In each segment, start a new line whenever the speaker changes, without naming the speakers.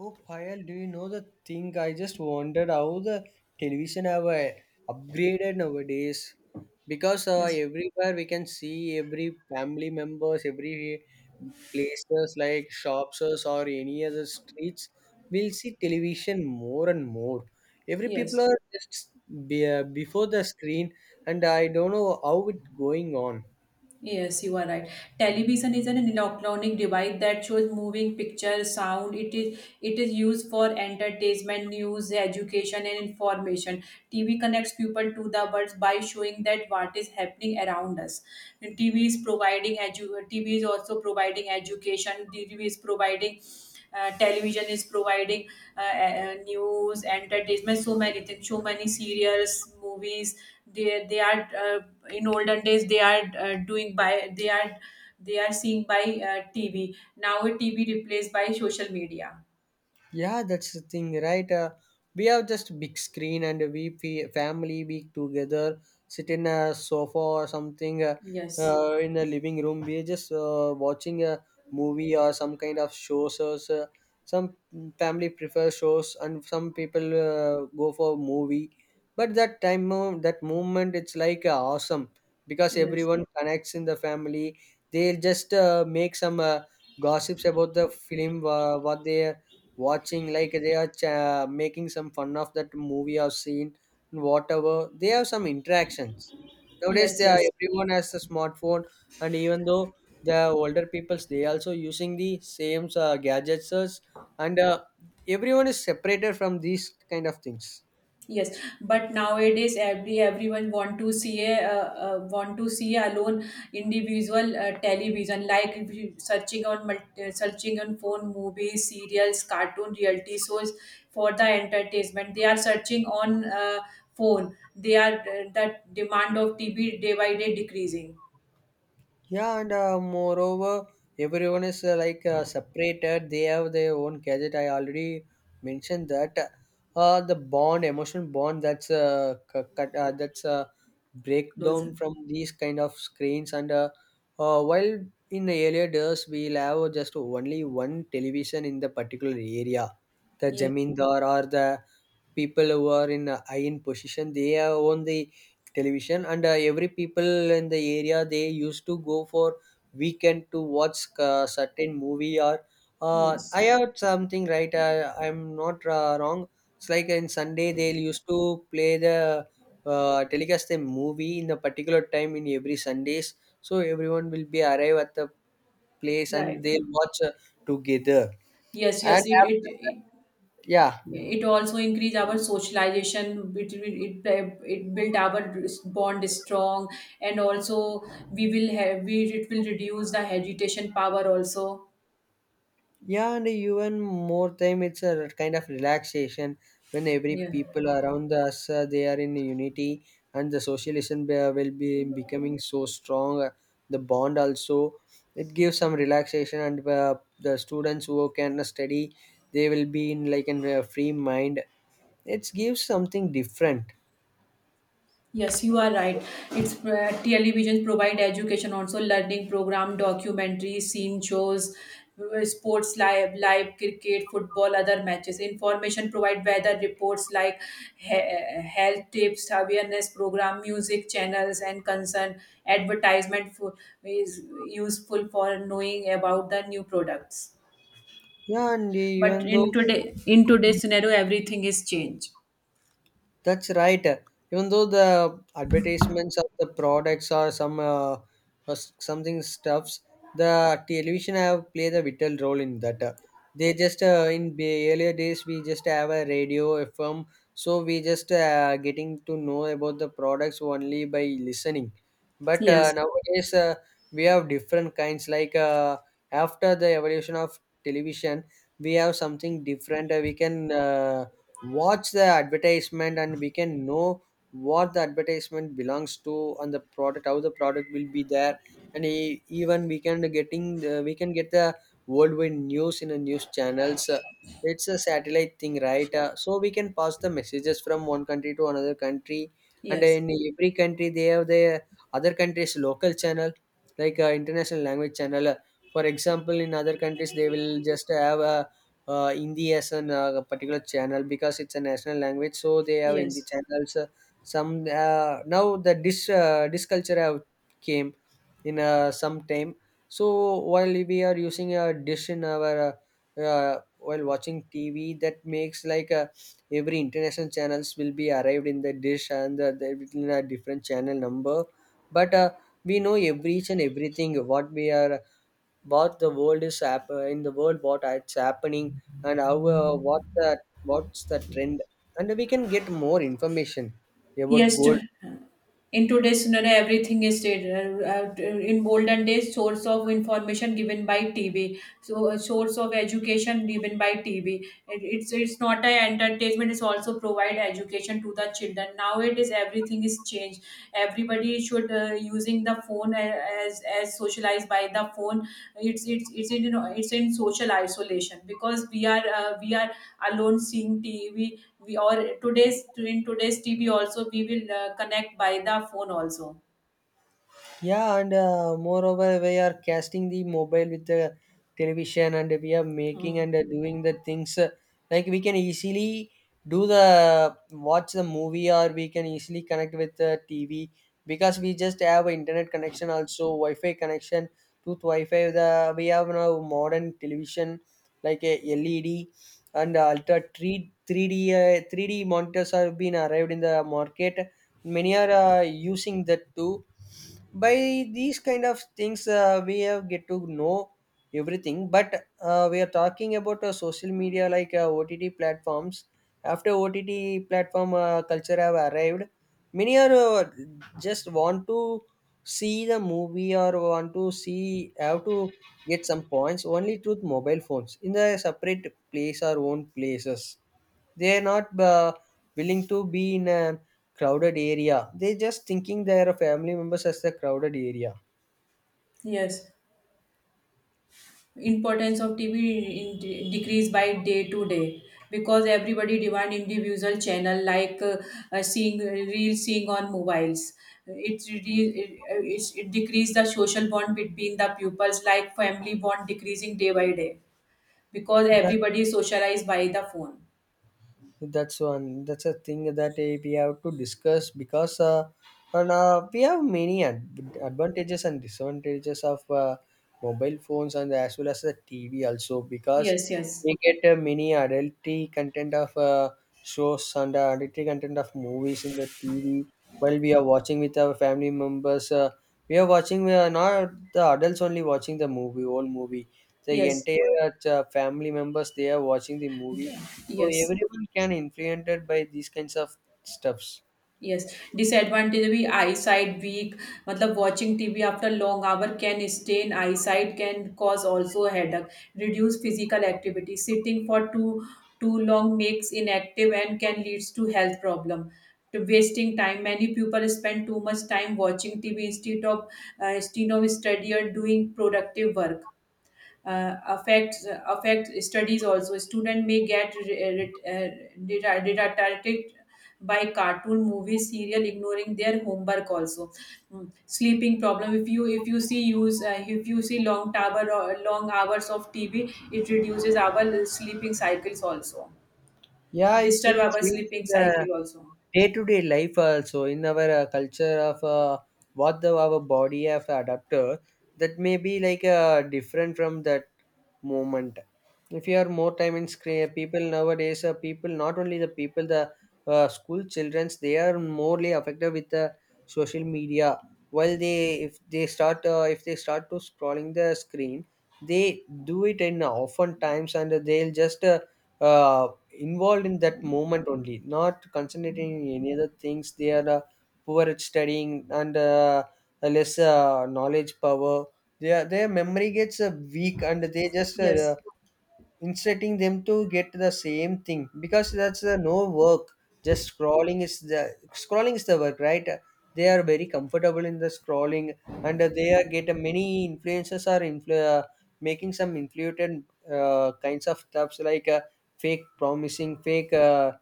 Oh, Payal, do you know the thing? I just wondered how the television have upgraded nowadays. Because
Yes,
everywhere we can see every family members, every places like shops or any other streets, we'll see television more and more. Every people
yes,
are just be, before the screen, and I don't know how it going on.
yes, you are right. Television is an electronic device that shows moving pictures, sound. It is used for entertainment, news, education, and information. TV connects people to the world by showing that what is happening around us. And TV is also providing education. TV is providing uh, Television is providing news entertainment, so many things, so many serials, movies. They are, in olden days they are they are seeing by TV. Now TV replaced by social media.
Yeah, that's the thing, right? We have just big screen and family we together sit in a sofa or something uh,
Yes,
uh, in a living room. We're just watching a movie or some kind of shows. So some family prefer shows and some people go for movie. But that time, that moment, it's like awesome because
yes,
everyone connects in the family. They just make some gossips about the film, what they watching, like they are making some fun of that movie or scene, and whatever they have some interactions. Nowadays
yes,
they are,
yes.
everyone has a smartphone, and even though the older peoples they also using the same gadgets, and everyone is separated from these kind of things.
Yes, but nowadays everyone want to see alone, individual television. Like if you searching on searching on phone, movies, serials, cartoon, reality shows. For the entertainment, they are searching on phone. The demand of TV day by day decreasing.
Yeah, and moreover, everyone is like separated. They have their own gadget. I already mentioned that the bond, emotion bond, that's
Closer.
breakdown from these kind of screens. And while in the earlier days, we'll have just only one television in the particular area, the
Yes,
jamindar or the people who are in a high in position they own the television, and every people in the area they used to go for weekend to watch certain movie or I
yes,
heard something right, I'm not wrong, it's like in Sunday they used to play the telecast the movie in a particular time in every Sundays, so everyone will be arrive at the place and
right.
they'll watch together.
Yes,
And
yes. It
after that,
it
yeah.
It also increase our socialization. It will it, it build our bond strong, and also we will have we it will reduce the agitation power also.
Yeah, and even more time, it's a kind of relaxation when every
Yeah.
people around us they are in unity, and the socialization will be becoming so strong. The bond also, it gives some relaxation, and the students who can study, they will be in like in a free mind. It gives something different.
Yes, you are right. It's Television provide education also, learning program, documentaries, scene shows, sports live, live cricket, football, other matches. Information provide weather reports like health tips, awareness program, music channels, and concern advertisement is useful for knowing about the new products.
Yeah, and
But
even
in
though.
today in today's scenario, everything is changed.
That's right. Even though the advertisements of the products or some something stuffs, the television have played a vital role in that. They just in the earlier days we just have a radio FM, so we just getting to know about the products only by listening. But uh,
Yes.
nowadays uh, we have different kinds. Like after the evolution of television, we have something different. We can. Watch the advertisement and we can know what the advertisement belongs to and the product, how the product will be there, and even we can getting the, we can get the worldwide news in the news channels. It's a satellite thing, right? So we can pass the messages from one country to another country, and
Yes.
in every country they have their other country's local channel, like international language channel. For example, in other countries they will just have a Hindi as a particular channel because it's a national language. So they have Hindi
Yes.
channels. Some now the dish culture have came in some time. So while we are using a dish in our while watching TV, that makes like every international channels will be arrived in the dish, and they will in a different channel number. But We know every each and everything what we are, what the world is hap- in the world what it's happening, and how what the, what's the trend, and we can get more information about
Yes.
gold.
In today's scenario, everything is stated. In olden days, source of information given by TV. So, source of education given by TV. It's not a entertainment, it's also provide education to the children. Nowadays everything is changed. Everybody should using the phone, as socialized by the phone. It's in social isolation because we are alone seeing TV. We or today's in today's TV also, we will connect by the phone also.
Yeah, and moreover, we are casting the mobile with the television, and we are making
Mm.
and doing the things like we can easily do the watch the movie, or we can easily connect with the TV because we just have internet connection, also Wi-Fi connection, tooth Wi-Fi. The we have now modern television like a LED and ultra 3 3D 3D monitors have been arrived in the market. Many are using that too. By these kind of things we have get to know everything, but we are talking about social media like ott platforms. After ott platform culture have arrived, many are just want to see the movie, or want to see, have to get some points only through mobile phones in the separate place or own places. They're not willing to be in a crowded area. They're just thinking their family members as the crowded area.
Yes, importance of TV decrease by day to day, because everybody demand individual channel, like seeing on mobiles. It's really- it, re- it decrease the social bond between the pupils, like family bond decreasing day by day, because everybody is socialized by the phone.
That's a thing that eh, we have to discuss because and we have many advantages and disadvantages of mobile phones and as well as the TV also, because
Yes, yes,
we get many adulty content of shows, and adulty content of movies in the TV. While we are watching with our family members, we are watching, we are not the adults only watching the movie, whole movie, the
yes.
entire family members they are watching the movie,
Yeah.
so
Yes,
everyone can influenced by these kinds of stuffs.
yes. Disadvantage भी eyesight weak. मतलब watching TV after long hour can stain eyesight, can cause also headache. Reduce physical activity. Sitting for too long makes inactive and can leads to health problem. To wasting time. Many people spend too much time watching TV instead of study or doing productive work. Affect studies also, student may get detracted by cartoon, movies, serial, ignoring their homework also. Mm. Sleeping problem. If you see long tower or long hours of TV, it reduces our sleeping cycles also,
Yeah, it
disturb
will
our
change
sleeping
the
cycle also.
day-to-day life also in our culture of what the our body have adapted, that may be like different from that moment. If you are more time in screen, people nowadays, people, not only the people, the school childrens, they are morely affected with the social media. While they, if they start to scrolling the screen, they do it in often times, and they'll just uh, involved in that moment only, not concentrating in any other things. They are poor at studying, and less knowledge power. Their memory gets weak, and they just
Yes,
inserting them to get the same thing, because that's the no work. Just scrolling is the work, right? They are very comfortable in the scrolling, and they are get many influencers are making some influted kinds of stuffs like fake promising, fake uh,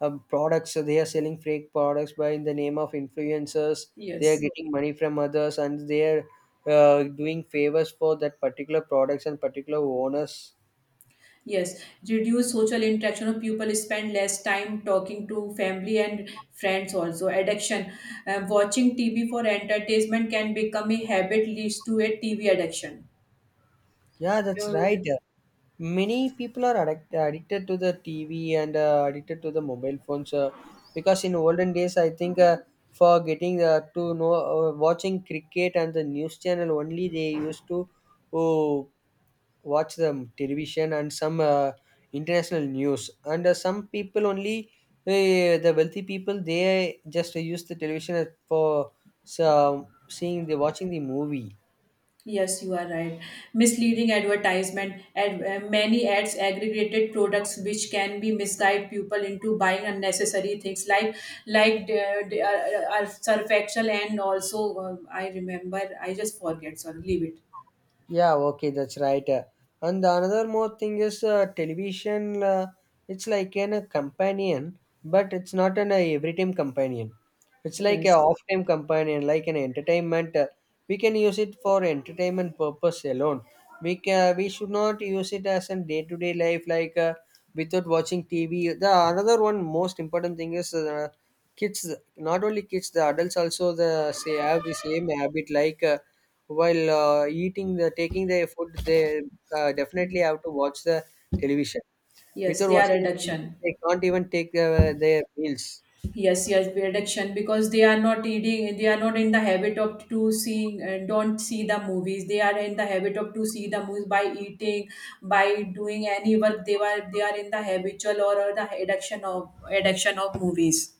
um, products. So they are selling fake products by in the name of influencers. They are
yes.
getting money from others, and they are doing favors for that particular products and particular owners.
Yes, reduce social interaction of people, spend less time talking to family and friends also. Addiction. Watching TV for entertainment can become a habit, leads to a TV addiction.
Yeah, that's right.
You-
Many people are addicted to the TV and addicted to the mobile phones, because in olden days, I think for getting to know, watching cricket and the news channel only, they used to oh, watch the television and some international news. And some people only, the wealthy people, they just use the television as for some seeing the watching the movie.
Yes, you are right. Misleading advertisement. Many ads aggregated products, which can be misguide people into buying unnecessary things, like like the, surfactual. And also I remember, I just forget, so leave it.
Yeah, okay, that's right. And the another more thing is television. It's like an a companion, but it's not an every-time companion. It's like a
Yes.
off-time companion, like an entertainment. We can use it for entertainment purpose alone. We can, we should not use it as a day-to-day life, like without watching TV. The another one most important thing is kids. Not only kids, the adults also the say have the same habit like. While eating the taking their food, they definitely have to watch the television.
Yes,
Without
they are
watching the television,
reduction.
they can't even take their meals.
Yes, yes, be addiction because they are not eating, they are not in the habit of to seeing and don't see the movies. They are in the habit of to see the movies by eating, by doing any work. They are in the habitual, or the addiction of movies.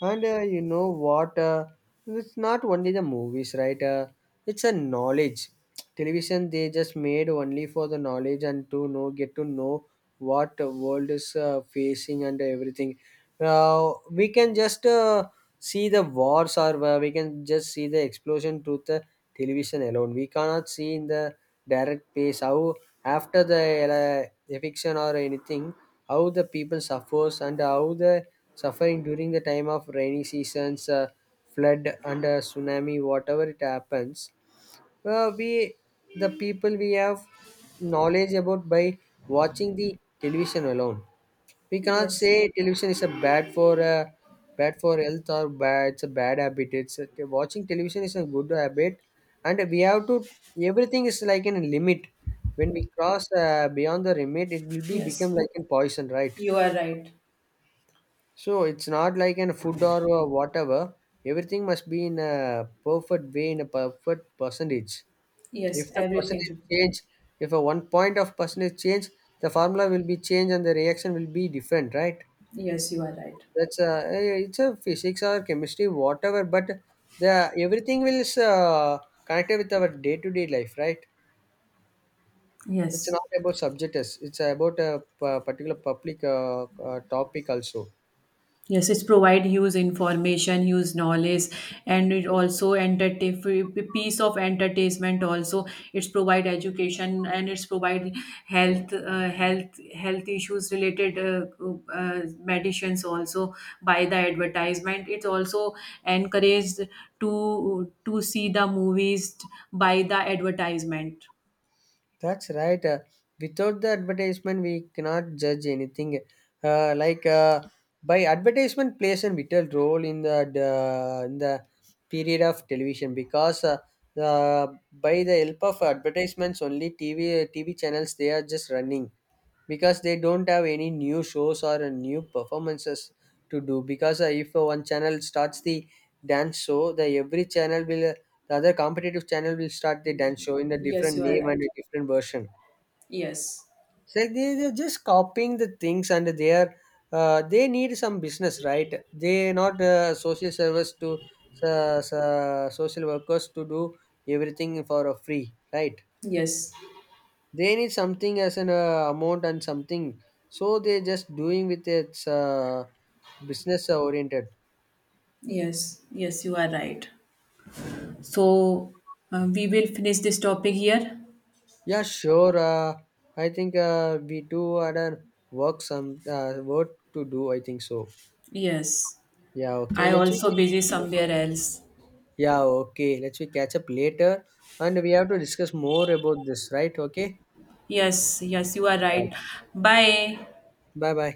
And you know what? It's not only the movies, right? It's a knowledge. Television they just made only for the knowledge and to know, get to know what the world is facing and everything. We can just see the wars, or we can just see the explosion through the television alone. We cannot see in the direct pace how after the eviction or anything, how the people suffers, and how the suffering during the time of rainy seasons, flood and tsunami, whatever it happens. Well, we, the people, we have knowledge about by watching the television alone. We cannot
Yes,
say television is a bad for bad for health or bad. It's a bad habit. It's a, watching television is a good habit, and we have to. Everything is like in a limit. When we cross beyond the limit, it will be
yes,
become like a poison, right?
you are right.
So it's not like in food or whatever. Everything must be in a perfect way, in a perfect percentage. If
Yes,
the
everything.
percentage change, if a one point of percentage change, the formula will be changed and the reaction will be different, right?
Yes, you are right.
That's a, it's a physics or chemistry, whatever. But the everything will is connected with our day to day life, right? It's
Yes.
not about subjects. It's about a particular public topic also.
Yes, it's provide huge information, huge knowledge, and it also entertain piece of entertainment. Also, it's provide education, and it's provide health, health issues related medicines. Also, by the advertisement, it's also encouraged to see the movies by the advertisement.
That's right. Without the advertisement, we cannot judge anything. Uh, like uh, by advertisement plays a vital role in in the period of television, because the by the help of advertisements only, TV channels they are just running, because they don't have any new shows or new performances to do. Because if one channel starts the dance show, the every channel will the other competitive channel will start the dance show in a
Yes,
different
you are
name and
right.
a different version.
Yes,
So they, they're just copying the things, and they are they need some business, right? They not social service to, social workers to do everything for free, right?
yes,
They need something as an amount and something, so they just doing with its business oriented.
yes, yes, you are right. So we will finish this topic here.
Yeah, sure. I think we do had a work, some work to do, I think so.
Yes,
Yeah, okay,
I
let's we
also
catch
busy
up later.
somewhere else.
Yeah, okay, let's we catch up later, and we have to discuss more about this, right? Okay,
Yes, yes, you are
yeah.
right. Bye.
Bye bye.